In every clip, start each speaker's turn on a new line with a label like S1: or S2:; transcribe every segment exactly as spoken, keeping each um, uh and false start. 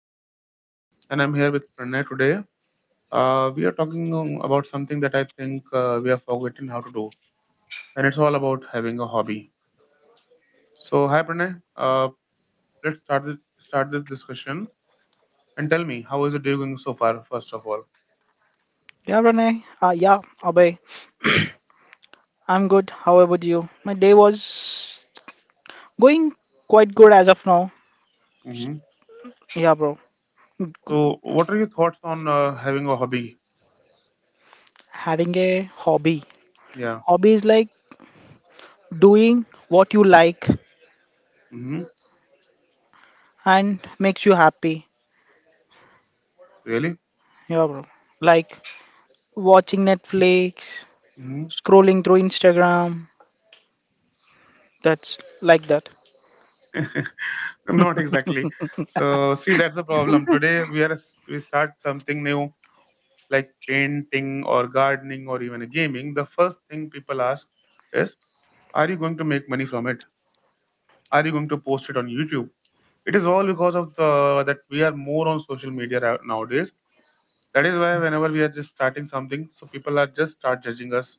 S1: I'm Abhay, and I'm here with Pranay today. Uh, we are talking um, about something that I think uh, we have forgotten how to do, and it's all about having a hobby. So, hi, Pranay. Uh, let's start this, start this discussion and tell me how is the day going so far? First of all,
S2: Yeah, Renee. Uh, yeah, Abhay. I'm good. How about you? My day was going quite good as of now.
S1: hmm
S2: Yeah, bro. G-
S1: so what are your thoughts on uh, having a hobby?
S2: Having a hobby.
S1: Yeah,
S2: Hobby is like doing what you like
S1: hmm
S2: and makes you happy.
S1: really?
S2: Yeah, bro. Like watching Netflix,
S1: Hmm.
S2: scrolling through Instagram. That's like that.
S1: Not exactly. So, see, that's the problem. Today we are we start something new like painting or gardening or even gaming, the first thing people ask is, are you going to make money from it? Are you going to post it on YouTube? It is all because of the that we are more on social media ra- nowadays. That is why whenever we are just starting something, so people are just start judging us.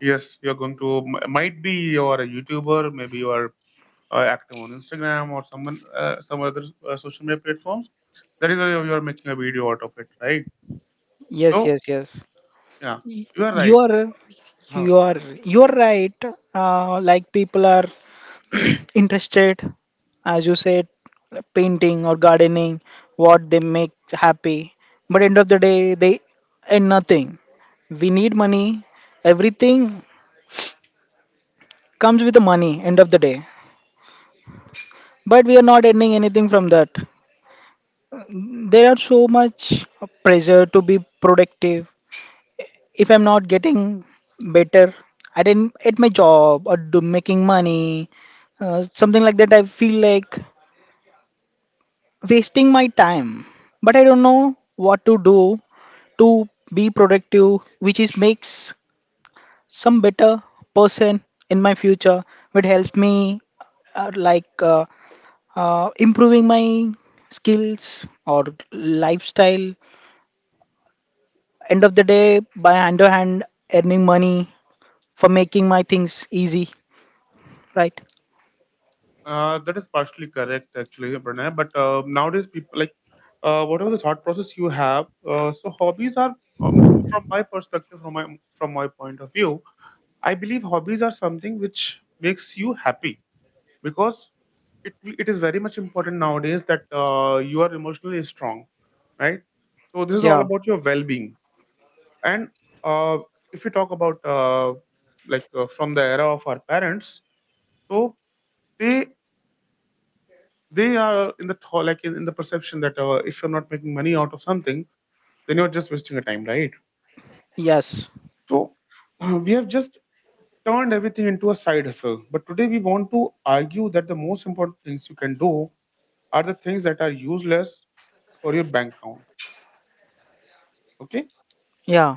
S1: Yes, you're going to m- might be you are a YouTuber, maybe you are uh, active on Instagram or someone uh, some other uh, social media platforms. That is why you are making a video out of it, right?
S2: Yes,
S1: So
S2: yes, yes.
S1: yeah, you are
S2: you
S1: right.
S2: are
S1: Huh.
S2: you are you are right, uh, like people are interested, as you said, painting or gardening what they make happy, but end of the day they earn nothing. We need money. Everything comes with the money end of the day, but we are not earning anything from that. There are so much pressure to be productive. If I'm not getting better at in at my job or do making money, uh, something like that, I feel like wasting my time. But I don't know what to do to be productive, which is makes some better person in my future, would help me uh, like uh, uh, improving my skills or lifestyle. End of the day, by hand to hand earning money for making my things easy. Right.
S1: Uh, that is partially correct, actually, Pranay. But uh, nowadays, people like uh, whatever the thought process you have. Uh, so hobbies are, um, from my perspective, from my from my point of view, I believe hobbies are something which makes you happy because it it is very much important nowadays that uh, you are emotionally strong, right? So this is all
S2: Yeah.
S1: about your well-being. And uh, if you talk about uh, like uh, from the era of our parents, so they they are in the thought, like in, in the perception that uh, if you're not making money out of something, then you're just wasting your time, right?
S2: Yes.
S1: So uh, we have just turned everything into a side hustle. But today we want to argue that the most important things you can do are the things that are useless for your bank account. Okay,
S2: Yeah.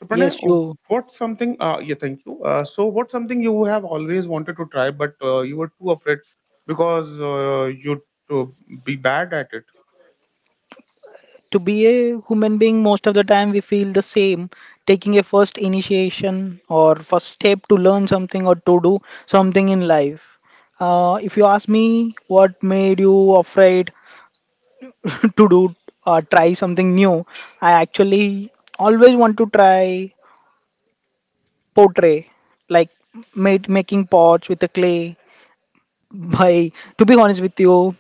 S1: so Pranay,
S2: Yes.
S1: oh,
S2: You,
S1: what's something? Uh, yeah, thank you. Uh, so what's something you have always wanted to try, but uh, you were too afraid because uh, you'd uh, be bad at it.
S2: to be a human being, most of the time we feel the same taking a first initiation or first step to learn something or to do something in life. Uh, if you ask me what made you afraid to do, uh, try something new, I actually always want to try pottery, like made, making pots with the clay. By, to be honest with you,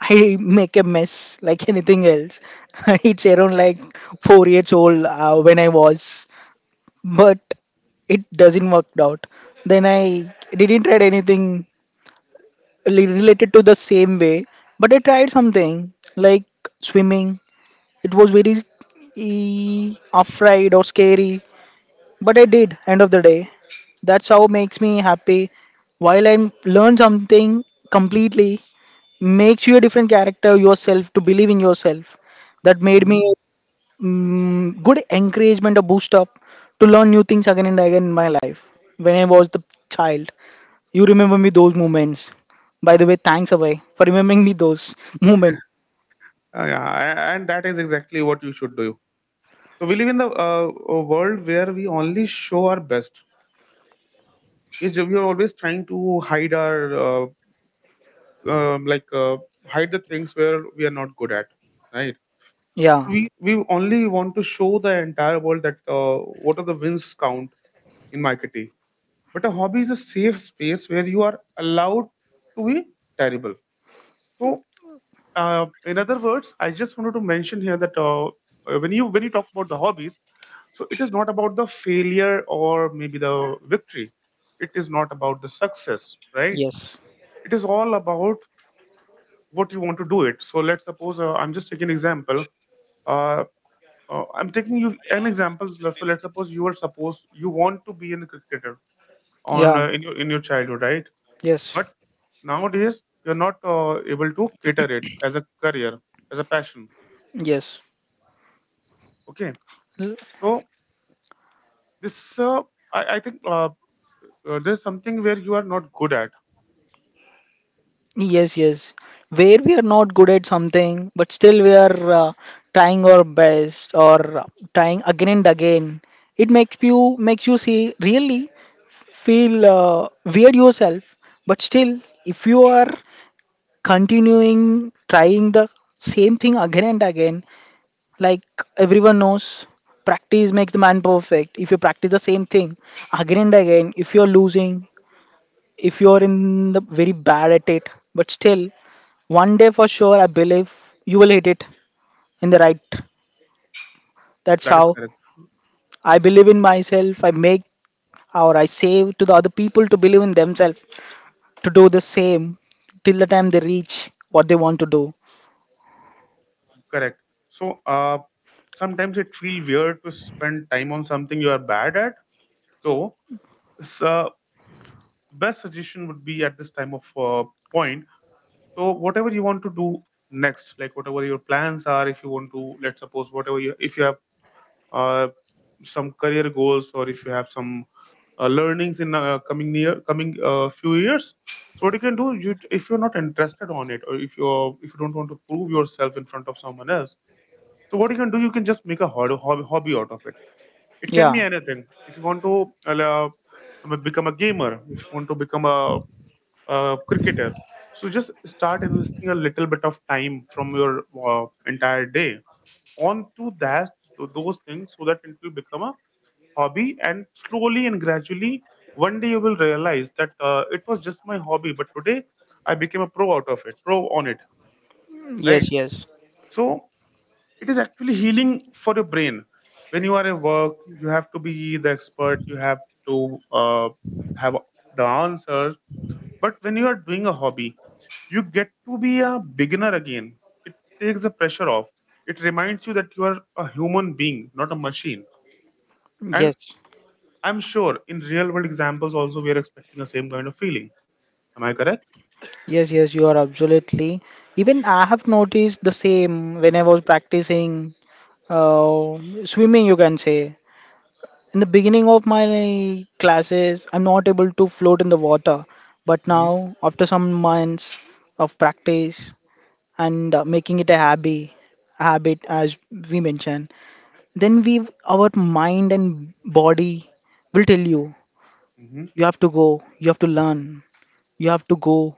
S2: I make a mess like anything else. It's around like four years old uh, when I was, but it doesn't work out. Then I didn't try anything li- related to the same way, but I tried something like swimming. It was very eh, afraid or scary, but I did, end of the day. That's how makes me happy. While I learn something completely, makes you a different character yourself to believe in yourself. That made me
S1: Mhm.
S2: mm, good encouragement, a boost up to learn new things again and again in my life. When I was the child, you remember me those moments. By the way, thanks Abhay for remembering me those moments.
S1: Uh, yeah, a- and that is exactly what you should do. So we live in the uh, a world where we only show our best. It's, we are always trying to hide our uh, um, like uh, hide the things where we are not good at, right?
S2: Yeah.
S1: So we we only want to show the entire world that uh, what are the wins count in marketing. But a hobby is a safe space where you are allowed to be terrible. So uh, in other words, I just wanted to mention here that uh, uh, when you when you talk about the hobbies, so it is not about the failure or maybe the victory. It is not about the success, right?
S2: Yes.
S1: It is all about what you want to do it. So let's suppose uh, I'm just taking an example. Uh, uh, I'm taking you an example. So let's suppose you are supposed you want to be a cricketer on
S2: Yeah.
S1: uh, in your in your childhood, right?
S2: Yes.
S1: But nowadays you're not uh, able to cater it as a career, as a passion.
S2: Yes.
S1: Okay, so this uh, I, I think uh, uh, there's something where you are not good at.
S2: Yes, yes. Where we are not good at something, but still we are uh, trying our best or uh, trying again and again. It makes you makes you see really feel uh, weird yourself. But still, if you are continuing trying the same thing again and again, like everyone knows, practice makes the man perfect. If you practice the same thing again and again, if you're losing, if you're in the very bad at it, but still one day for sure I believe you will hit it in the right. That's
S1: That is
S2: how
S1: correct.
S2: I believe in myself. I make or I save to the other people to believe in themselves to do the same till the time they reach what they want to do.
S1: Correct. So uh, sometimes it feels weird to spend time on something you are bad at, though. So best suggestion would be at this time of uh, point. So whatever you want to do next, like whatever your plans are, if you want to, let's suppose whatever you, if you have uh, some career goals or if you have some uh, learnings in uh, coming near coming uh, few years. So what you can do, you if you're not interested on it, or if you're if you don't want to prove yourself in front of someone else, so what you can do, you can just make a hobby, hobby, hobby out of it. It can
S2: Yeah.
S1: be anything. If you want to uh, uh, become a gamer, if you want to become a, a cricketer, so just start investing a little bit of time from your uh, entire day onto that th- those things, so that it will become a hobby. And slowly and gradually, one day you will realize that uh, it was just my hobby, but today I became a pro out of it, pro on it, right?
S2: Yes, yes,
S1: So it is actually healing for your brain. When you are at work, you have to be the expert. You have to uh, have the answers. But when you are doing a hobby, you get to be a beginner again. It takes the pressure off. It reminds you that you are a human being, not a machine. And
S2: yes.
S1: I'm sure in real world examples also we are expecting the same kind of feeling. Am I correct?
S2: Yes. Yes, you are absolutely. Even I have noticed the same when I was practicing, uh, swimming you can say. In the beginning of my classes, I'm not able to float in the water, but now,
S1: Mm-hmm.
S2: after some months of practice and uh, making it a habit, habit as we mentioned, then we, our mind and body will tell you,
S1: Mm-hmm.
S2: you have to go, you have to learn, you have to go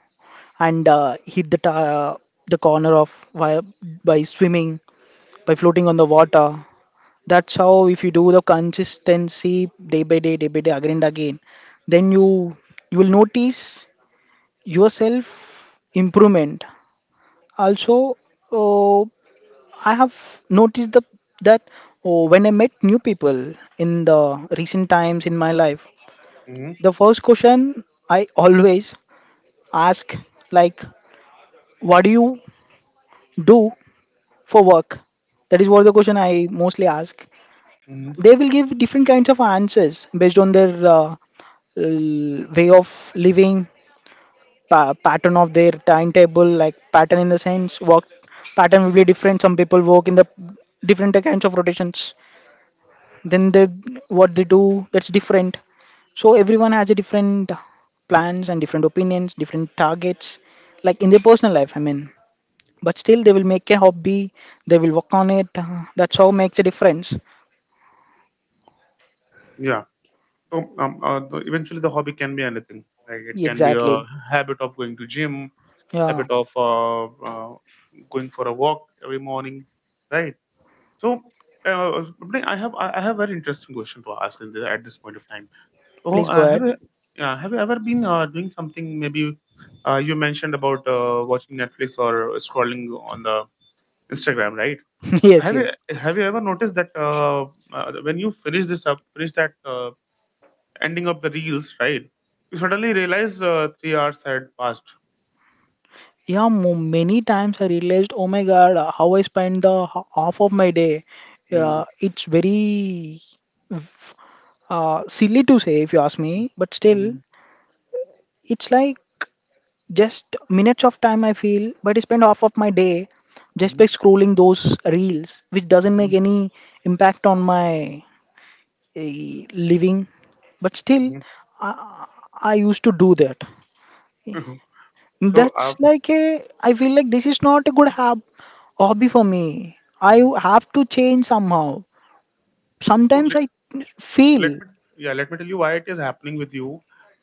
S2: and uh, hit the ta- uh, the corner of by, by swimming, by floating on the water. That's how if you do the consistency day by day, day by day, again and again, then you you will notice yourself improvement. Also, uh, I have noticed the that uh, when I met new people in the recent times in my life,
S1: Mm-hmm.
S2: the first question I always ask like, "What do you do for work?" That is what the question I mostly ask.
S1: Mm-hmm.
S2: They will give different kinds of answers based on their uh, l- way of living, pa- pattern of their timetable, like pattern in the sense work pattern will be different. Some people work in the different kinds of rotations, then they what they do that's different. So everyone has a different plans and different opinions, different targets like in their personal life, I mean, but still they will make a hobby, they will work on it, uh, that's how makes a difference.
S1: Yeah. So um, uh, the, eventually, the hobby can be anything. Like it can be a
S2: Exactly.
S1: habit of going to gym,
S2: Yeah,
S1: habit of uh, uh, going for a walk every morning, right? So, uh, Swapnil, I have I I have a very interesting question to ask in this, at this point of time. So,
S2: please go
S1: uh, have
S2: ahead.
S1: you uh, have you ever been uh, doing something? Maybe uh, you mentioned about uh, watching Netflix or scrolling on the Instagram, right? So
S2: Yes,
S1: have
S2: yes.
S1: you have you ever noticed that uh, uh, when you finish this up, finish that uh, ending of the reels, right? You suddenly realize uh, three hours had passed.
S2: Yeah, mo- many times I realized, oh my God, uh, how I spend the h- half of my day.
S1: Mm,
S2: Uh, it's very uh, silly to say if you ask
S1: mm,
S2: me, but still,
S1: mhm,
S2: it's like just minutes of time I feel, but I spend half of my day just by
S1: mhm,
S2: scrolling those reels, which doesn't
S1: mhm,
S2: make any impact on my uh, living. But still,
S1: mhm.
S2: I, I used to do that.
S1: so, uh,
S2: That's like a, I feel like this is not a good hab hobby for me. I
S1: mm,
S2: have to change somehow.
S1: so
S2: Sometimes
S1: let,
S2: I
S1: let
S2: feel,
S1: me yeah let me tell you why it is happening with you.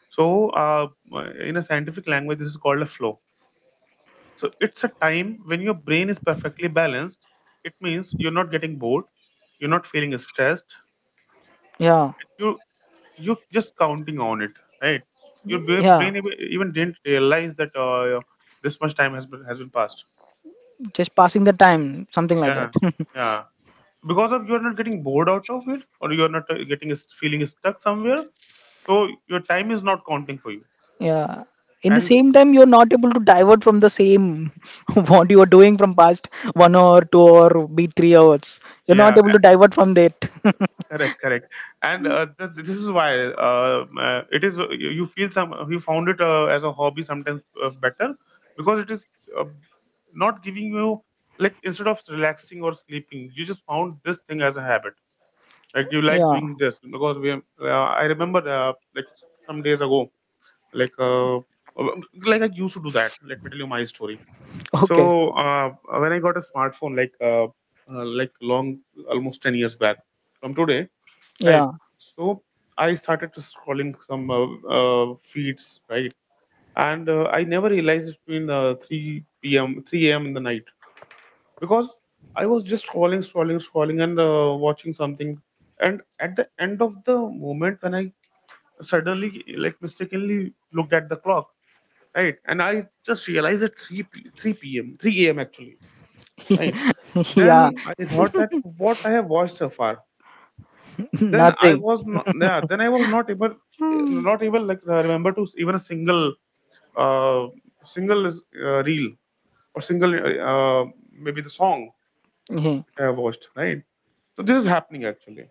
S1: So, uh, uh, in a scientific language, this is called a flow. So, it's a time when your brain is perfectly balanced. It means you're not getting bored, you're not feeling stressed,
S2: yeah,
S1: you you're just counting on it, right? Your bra-
S2: yeah,
S1: brain even even didn't realize that uh, this much time has been has been passed.
S2: just passing the time, something like that.
S1: Yeah, yeah. Because of you're not getting bored out of it, or you're not uh, getting s- feeling stuck somewhere, so your time is not counting for you.
S2: Yeah. In the
S1: And
S2: same time, you're not able to divert from the same what you are doing from past one hour, two hour, be three hours. You're not
S1: yeah,
S2: able to divert from that.
S1: correct correct and uh, th- this is why uh, uh, it is you you feel some you found it uh, as a hobby sometimes uh, better because it is uh, not giving you like instead of relaxing or sleeping you just found this thing as a habit like you like
S2: Yeah.
S1: doing this because we uh, I remember uh, like some days ago like uh, uh, like I used to do that. Let me tell you my story. So
S2: Okay.
S1: uh, when I got a smartphone like uh, uh, like long almost ten years back from today, right?
S2: Yeah.
S1: So I started to scrolling some uh, uh, feeds, right? And uh, I never realized it's been uh, three p m, three a m in the night because I was just scrolling, scrolling, scrolling, and uh, watching something. And at the end of the moment, when I suddenly, like, mistakenly looked at the clock, right? And I just realized it's three p- three p m, three a m actually, right?
S2: Yeah.
S1: Then I thought that what I have watched so far, then I
S2: Nothing.
S1: was not yeah then I was not able
S2: Hmm.
S1: not able like uh, remember to even a single uh single is, uh, reel or single uh, maybe the song which
S2: Yeah.
S1: I have watched, right? So this is happening actually.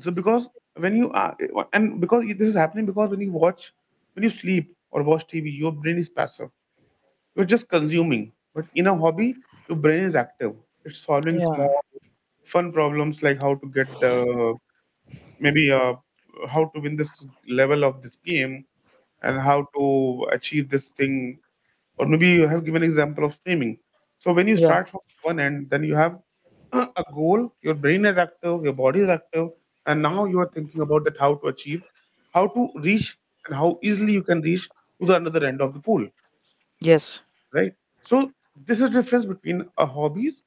S1: So because when you are and because this is happening because when you watch when you sleep or watch T V your brain is passive. You're just consuming. But in a hobby your brain is active. It's solving
S2: Yeah.
S1: small fun problems like how to get the maybe uh, how to win this level of this game and how to achieve this thing. Or maybe you have given example of swimming. So when you
S2: Yeah.
S1: start from one end then you have a goal. Your brain is active, your body is active, and now you are thinking about that how to achieve how to reach and how easily you can reach to the another end of the pool,
S2: Yes.
S1: right? So this is difference between a hobbies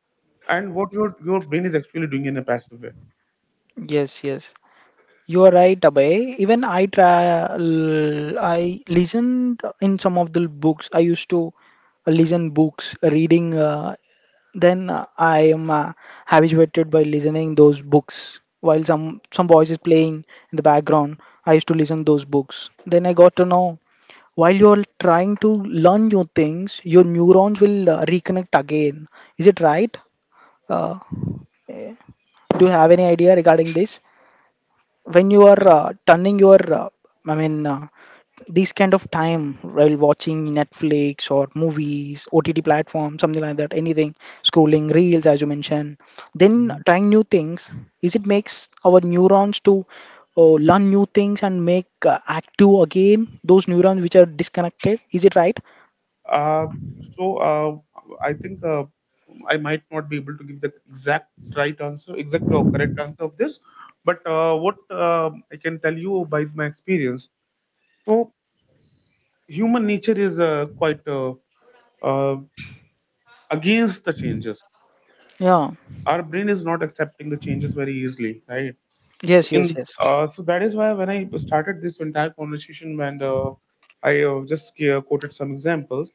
S1: and what your your brain is actually doing in a passive way.
S2: Yes, yes. You are right, Abhay. Even I try, I listened in some of the books. I used to listen books, reading. Uh, then uh, I am uh, habituated by listening those books while some some voice is playing in the background. I used to listen those books. Then I got to know while you are trying to learn new things, your neurons will uh, reconnect again. Is it right? Uh, do you have any idea regarding this? When you are uh, turning your uh, i mean uh, these kind of time while watching Netflix or movies, OTT platform, something like that, anything, scrolling reels as you mentioned, then
S1: Mhm.
S2: trying new things, is it makes our neurons to uh, learn new things and make uh, active again those neurons which are disconnected, is it right?
S1: Uh, so uh, I think uh, I might not be able to give the exact right answer, exact or correct answer of this, but uh, what uh, I can tell you by my experience. So human nature is uh, quite uh, uh, against the changes.
S2: Yeah.
S1: Our brain is not accepting the changes very easily, right? So
S2: Yes, yes,
S1: in
S2: yes.
S1: uh, so that is why when I started this entire conversation and uh, I uh, just uh, quoted some examples.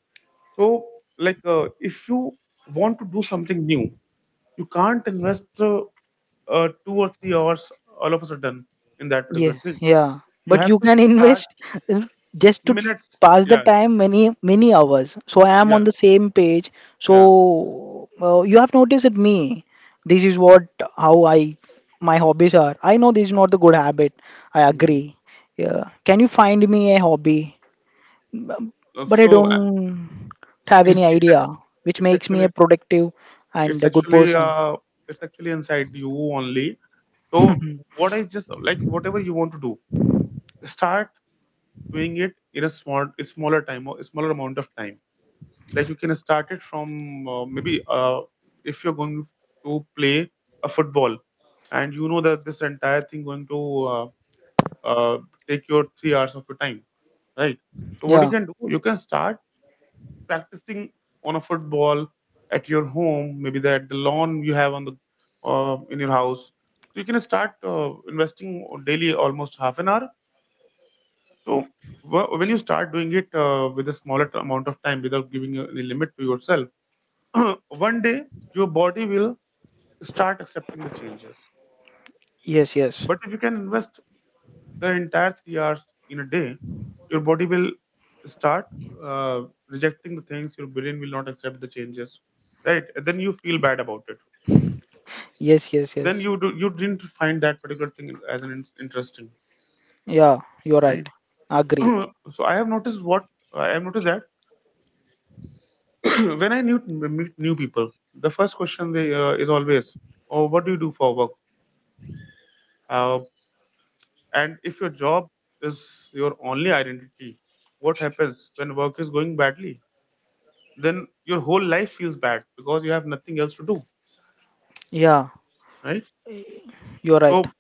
S1: So like uh, if you want to do something new, you can't invest uh, uh, two or three hours all of a sudden in that particular
S2: Yeah,
S1: thing.
S2: yeah.
S1: You
S2: But
S1: have
S2: you
S1: to
S2: can
S1: start
S2: invest uh, just to
S1: minutes.
S2: pass the
S1: Yes,
S2: time many many hours. So I am on
S1: yeah,
S2: the same page.
S1: yeah.
S2: So uh, you have noticed at me. This is what how I my hobbies are. I know this is not the good habit. I
S1: Mm.
S2: agree. Yeah. Can you find me a hobby? Um,
S1: Uh,
S2: But I
S1: So uh,
S2: don't have any
S1: it's it's
S2: idea,
S1: act-
S2: which
S1: it's
S2: makes me a
S1: actually
S2: productive and
S1: it's
S2: a good
S1: actually
S2: person.
S1: uh it's actually inside you only. So what I just like whatever you want to do, start doing it in a small a smaller time or a smaller amount of time. Like you can start it from uh, maybe uh if you're going to play a football, and you know that this entire thing going to uh, uh, take your three hours of your time, right? So what you
S2: Yeah.
S1: can do, you can start practicing on a football at your home, maybe that the lawn you have on the uh, in your house. So you can start uh, investing daily almost half an hour. So wh- when you start doing it uh, with a smaller t- amount of time without giving any limit to yourself, one day your body will start accepting the changes.
S2: Yes. Yes.
S1: But if you can invest the entire three hours in a day, your body will start uh, rejecting the things. Your brain will not accept the changes, right? And then you feel bad about it.
S2: Yes. Yes.
S1: Then
S2: Yes.
S1: you do, you didn't find that particular thing as an in- interesting,
S2: Yeah. You're right.
S1: right?
S2: Agree.
S1: so I have noticed what I have noticed that when I new, meet new people, the first question they uh, is always, "Oh, what do you do for work?" Uh, and if your job is your only identity, what happens when work is going badly? Then your whole life feels bad because you have nothing else to do,
S2: Yeah,
S1: right?
S2: you're right.
S1: So,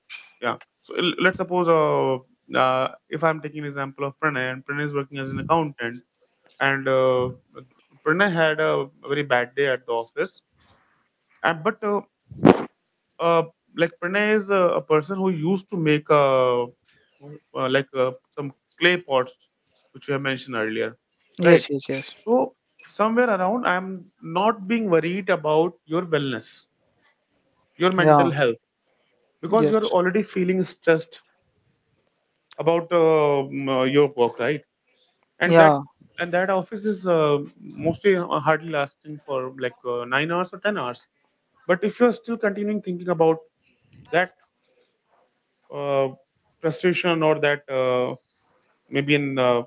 S1: yeah. So l- let's suppose uh, uh, if I'm taking an example of Pranay, and Pranay is working as an accountant, and uh, Pranay had a very bad day at the office, and but uh, uh, like Pranay is a, a person who used to make uh, uh, like uh, some clay pots, which you have mentioned earlier, right?
S2: Yes, yes, yes.
S1: So somewhere around, I'm not being worried about your wellness, your mental
S2: Yeah,
S1: health, because you're
S2: yes.
S1: already feeling stressed about um, uh, your work, right? And that,
S2: Yeah,
S1: and that office is uh, mostly uh, hardly lasting for like uh, nine hours or ten hours. But if you're still continuing thinking about that uh, frustration or that uh, maybe an uh,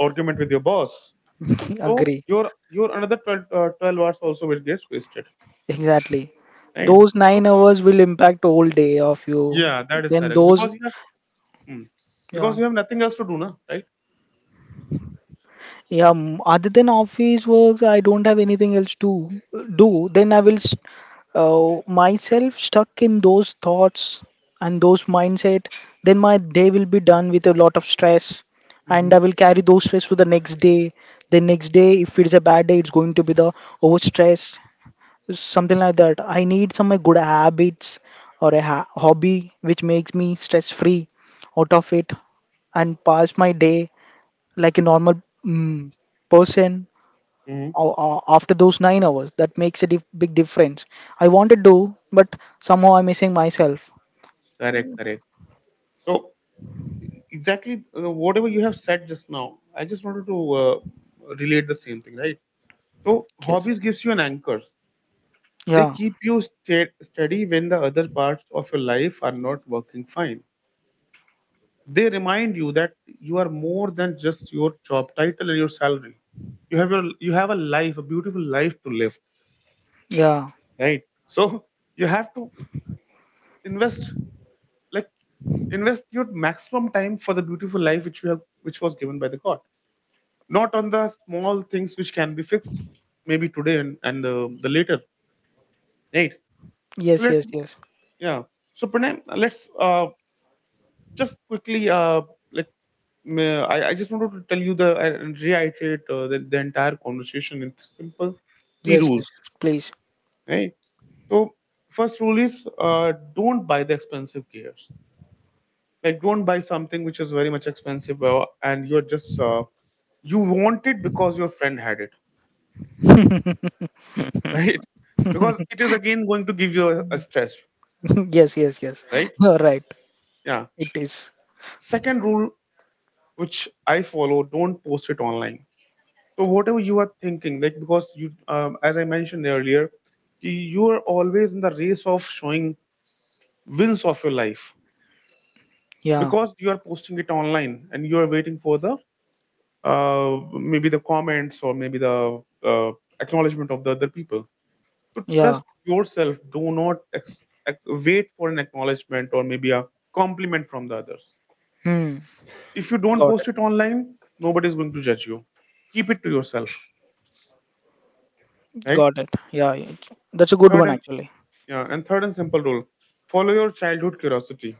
S1: argument with your boss, so
S2: agree.
S1: your your another twelve, uh, twelve hours also will get wasted,
S2: Exactly.
S1: right?
S2: Those
S1: So
S2: nine hours will impact whole day of you.
S1: yeah, that is
S2: Then
S1: correct
S2: those,
S1: because you have mm,
S2: yeah,
S1: because you have nothing else to do na, right?
S2: yeah, m- other than office works, I don't have anything else to do. Then I will s- uh, myself stuck in those thoughts and those mindset. Then my day will be done with a lot of stress, and I will carry those stress to the next day. The next day, if it's a bad day, it's going to be the overstress, something like that. I need some uh, good habits or a ha- hobby which makes me stress free out of it and pass my day like a normal mm, person
S1: Hmm.
S2: a- a- after those nine hours. That makes a dif- big difference. I wanted to, but somehow I'm missing myself.
S1: Correct, correct. So exactly uh, whatever you have said just now, I just wanted to uh, relate the same thing, right? So
S2: Yes.
S1: hobbies gives you an anchors. They
S2: Yeah.
S1: keep you sta steady when the other parts of your life are not working fine. They remind you that you are more than just your job title and your salary. You have your you have a life, a beautiful life to live,
S2: Yeah.
S1: right? So you have to invest, like, invest your maximum time for the beautiful life which you have, which was given by the God, not on the small things which can be fixed maybe today and, and uh, the later, right? So
S2: Yes. Yes.
S1: let's,
S2: Yes.
S1: yeah, so Pranay, let's uh, just quickly uh, like ma- I, I just wanted to tell you the uh, and reiterate uh, the, the entire conversation in simple three
S2: Yes. Yes.
S1: rules,
S2: Yes. Please.
S1: right? So first rule is uh, don't buy the expensive gears, like don't buy something which is very much expensive uh, and you're just uh, you want it because your friend had it, right? Because it is again going to give you a, a stress,
S2: Yes. Yes. Yes.
S1: right?
S2: You're right.
S1: Yeah.
S2: It is.
S1: Second rule which I follow: don't post it online. So whatever you are thinking, like because you, um, as I mentioned earlier, you are always in the race of showing wins of your life
S2: Yeah.
S1: because you are posting it online and you are waiting for the uh, maybe the comments or maybe the uh, acknowledgement of the other people. So
S2: Yeah.
S1: trust yourself. Do not ex- ac- wait for an acknowledgement or maybe a compliment from the others.
S2: Hmm.
S1: If you don't
S2: Got
S1: post
S2: it.
S1: it online, nobody is going to judge you. Keep it to yourself, right?
S2: Got it. Yeah. it- That's a good
S1: Third
S2: one
S1: and
S2: actually.
S1: yeah, and third and simple rule: follow your childhood curiosity.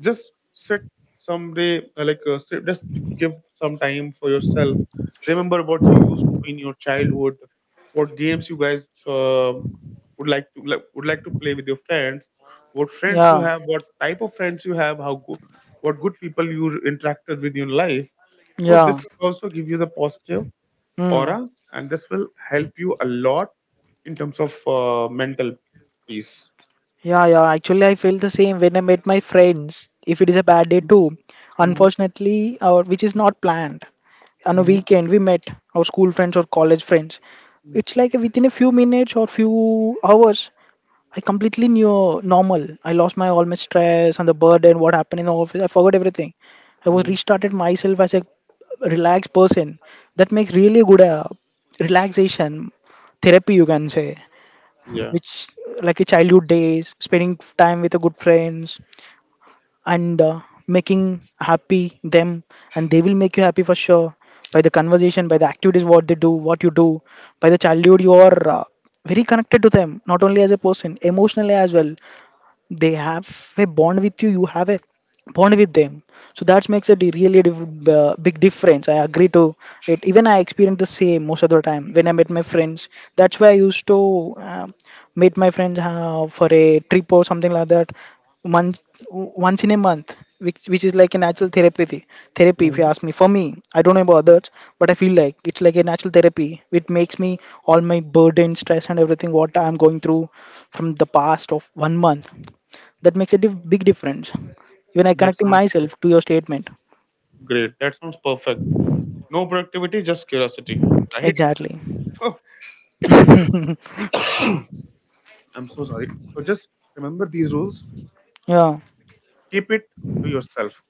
S1: Just sit someday, uh, like uh, sit, just give some time for yourself. Remember what you used to do in your childhood, what games you guys uh, would like to like, would like to play with your friends, what friends you
S2: Yeah.
S1: have, what type of friends you have, how good, what good people you interacted with in your life. So
S2: Yeah.
S1: this will also give you the positive
S2: Hmm.
S1: aura, and this will help you a lot in terms of uh, mental peace.
S2: Yeah, yeah. Actually, I feel the same when I meet my friends. If it is a bad day too,
S1: Hmm.
S2: unfortunately, or which is not planned, on a
S1: Hmm.
S2: weekend we met our school friends or college friends. It's like within a few minutes or few hours, I completely knew normal. I lost my all my stress and the burden, what happened in the office. I forgot everything. I was
S1: Hmm.
S2: restarted myself as a relaxed person. That makes really good uh, relaxation therapy, you can say,
S1: Yeah.
S2: which like a childhood days spending time with a good friends and uh, making happy them, and they will make you happy for sure by the conversation, by the activities what they do what you do. By the childhood you are uh, very connected to them, not only as a person, emotionally as well. They have a bond with you, you have a bond with them, so that makes a di- really diff- uh, big difference. I agree to it. Even I experienced the same most of the time when I met my friends. That's why I used to um, meet my friends uh, for a trip or something like that, once once in a month, which which is like a natural therapy therapy, if you
S1: Hmm.
S2: ask me, for me. I don't know about others, but I feel like it's like a natural therapy. It makes me all my burden, stress and everything what I'm going through from the past of one month, that makes a diff big difference. Even I
S1: That
S2: connecting
S1: sounds
S2: myself to your statement.
S1: great. That sounds perfect. No productivity, just curiosity, right?
S2: Exactly.
S1: So
S2: Yeah,
S1: I'm so sorry, so just remember these rules, keep it to yourself,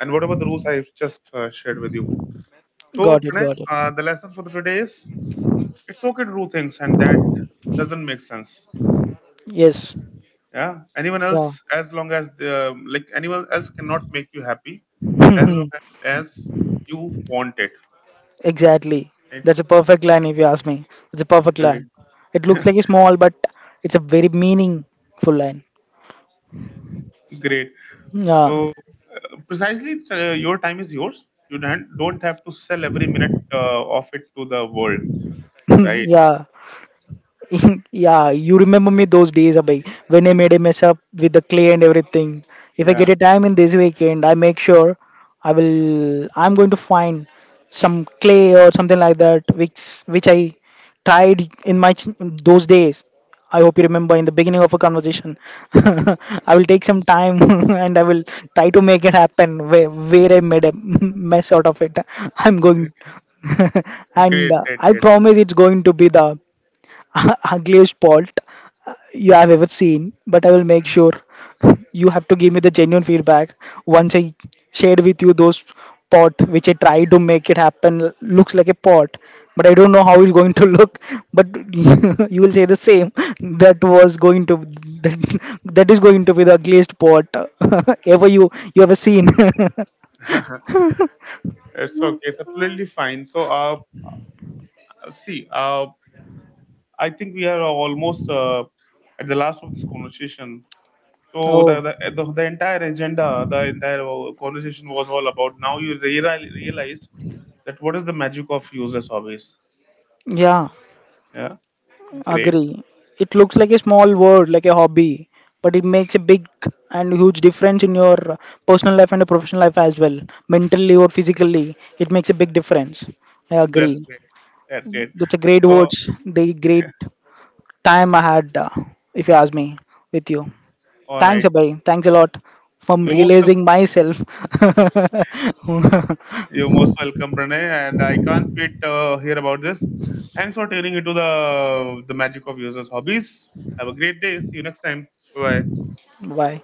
S1: and whatever the rules I've just uh, shared with you. So
S2: got it,
S1: Pranay,
S2: got it.
S1: uh, the lesson for the today is it's okay to do things and that doesn't make sense,
S2: Yes.
S1: yeah, anyone
S2: Yeah.
S1: else, as long as the like anyone else cannot make you happy as long as you want it,
S2: Exactly.
S1: right?
S2: That's a perfect line if you ask me. It's a perfect
S1: Great.
S2: line. It looks like a small, but it's a very meaningful line.
S1: great.
S2: Yeah.
S1: So uh, precisely uh, your time is yours, you don't don't have to sell every minute uh, of it to the world, right?
S2: Yeah. Yeah, you remember me those days, Abhay, when I made a mess up with the clay and everything. If I get
S1: Yeah.
S2: a time in this weekend, I make sure I will. I'm going to find some clay or something like that, which which I tried in my ch- those days. I hope you remember in the beginning of a conversation. I will take some time and I will try to make it happen where, where I made a mess out of it. I'm going,
S1: Gr-
S2: and
S1: Great,
S2: uh,
S1: great,
S2: I
S1: great.
S2: promise it's going to be the. Ugliest pot you have ever seen, but I will make sure you have to give me the genuine feedback once I shared with you those pot which I tried to make it happen looks like a pot, but I don't know how it's going to look. But you will say the same that was going to that, that is going to be the ugliest pot ever you you ever seen.
S1: it's okay, it's absolutely fine. So uh see uh I think we are almost uh, at the last of this conversation. So the,
S2: Oh.
S1: the the the entire agenda, the entire uh, conversation was all about. Now you reali- realized that what is the magic of useless hobbies?
S2: Yeah,
S1: Yeah, great.
S2: agree. It looks like a small word, like a hobby, but it makes a big and huge difference in your uh, personal life and your professional life as well. Mentally or physically, it makes a big difference. I
S1: That's
S2: agree.
S1: great. That's great.
S2: That's a great
S1: Oh,
S2: words. The great time I had, uh, if you ask me, with you.
S1: all
S2: Thanks,
S1: right.
S2: Abhay. Thanks a lot from
S1: You're most welcome.
S2: realizing myself.
S1: You're most welcome, Pranay. And I can't wait to hear about this. Thanks for tuning into the the magic of useless hobbies. Have a great day. See you next time. Bye.
S2: Bye.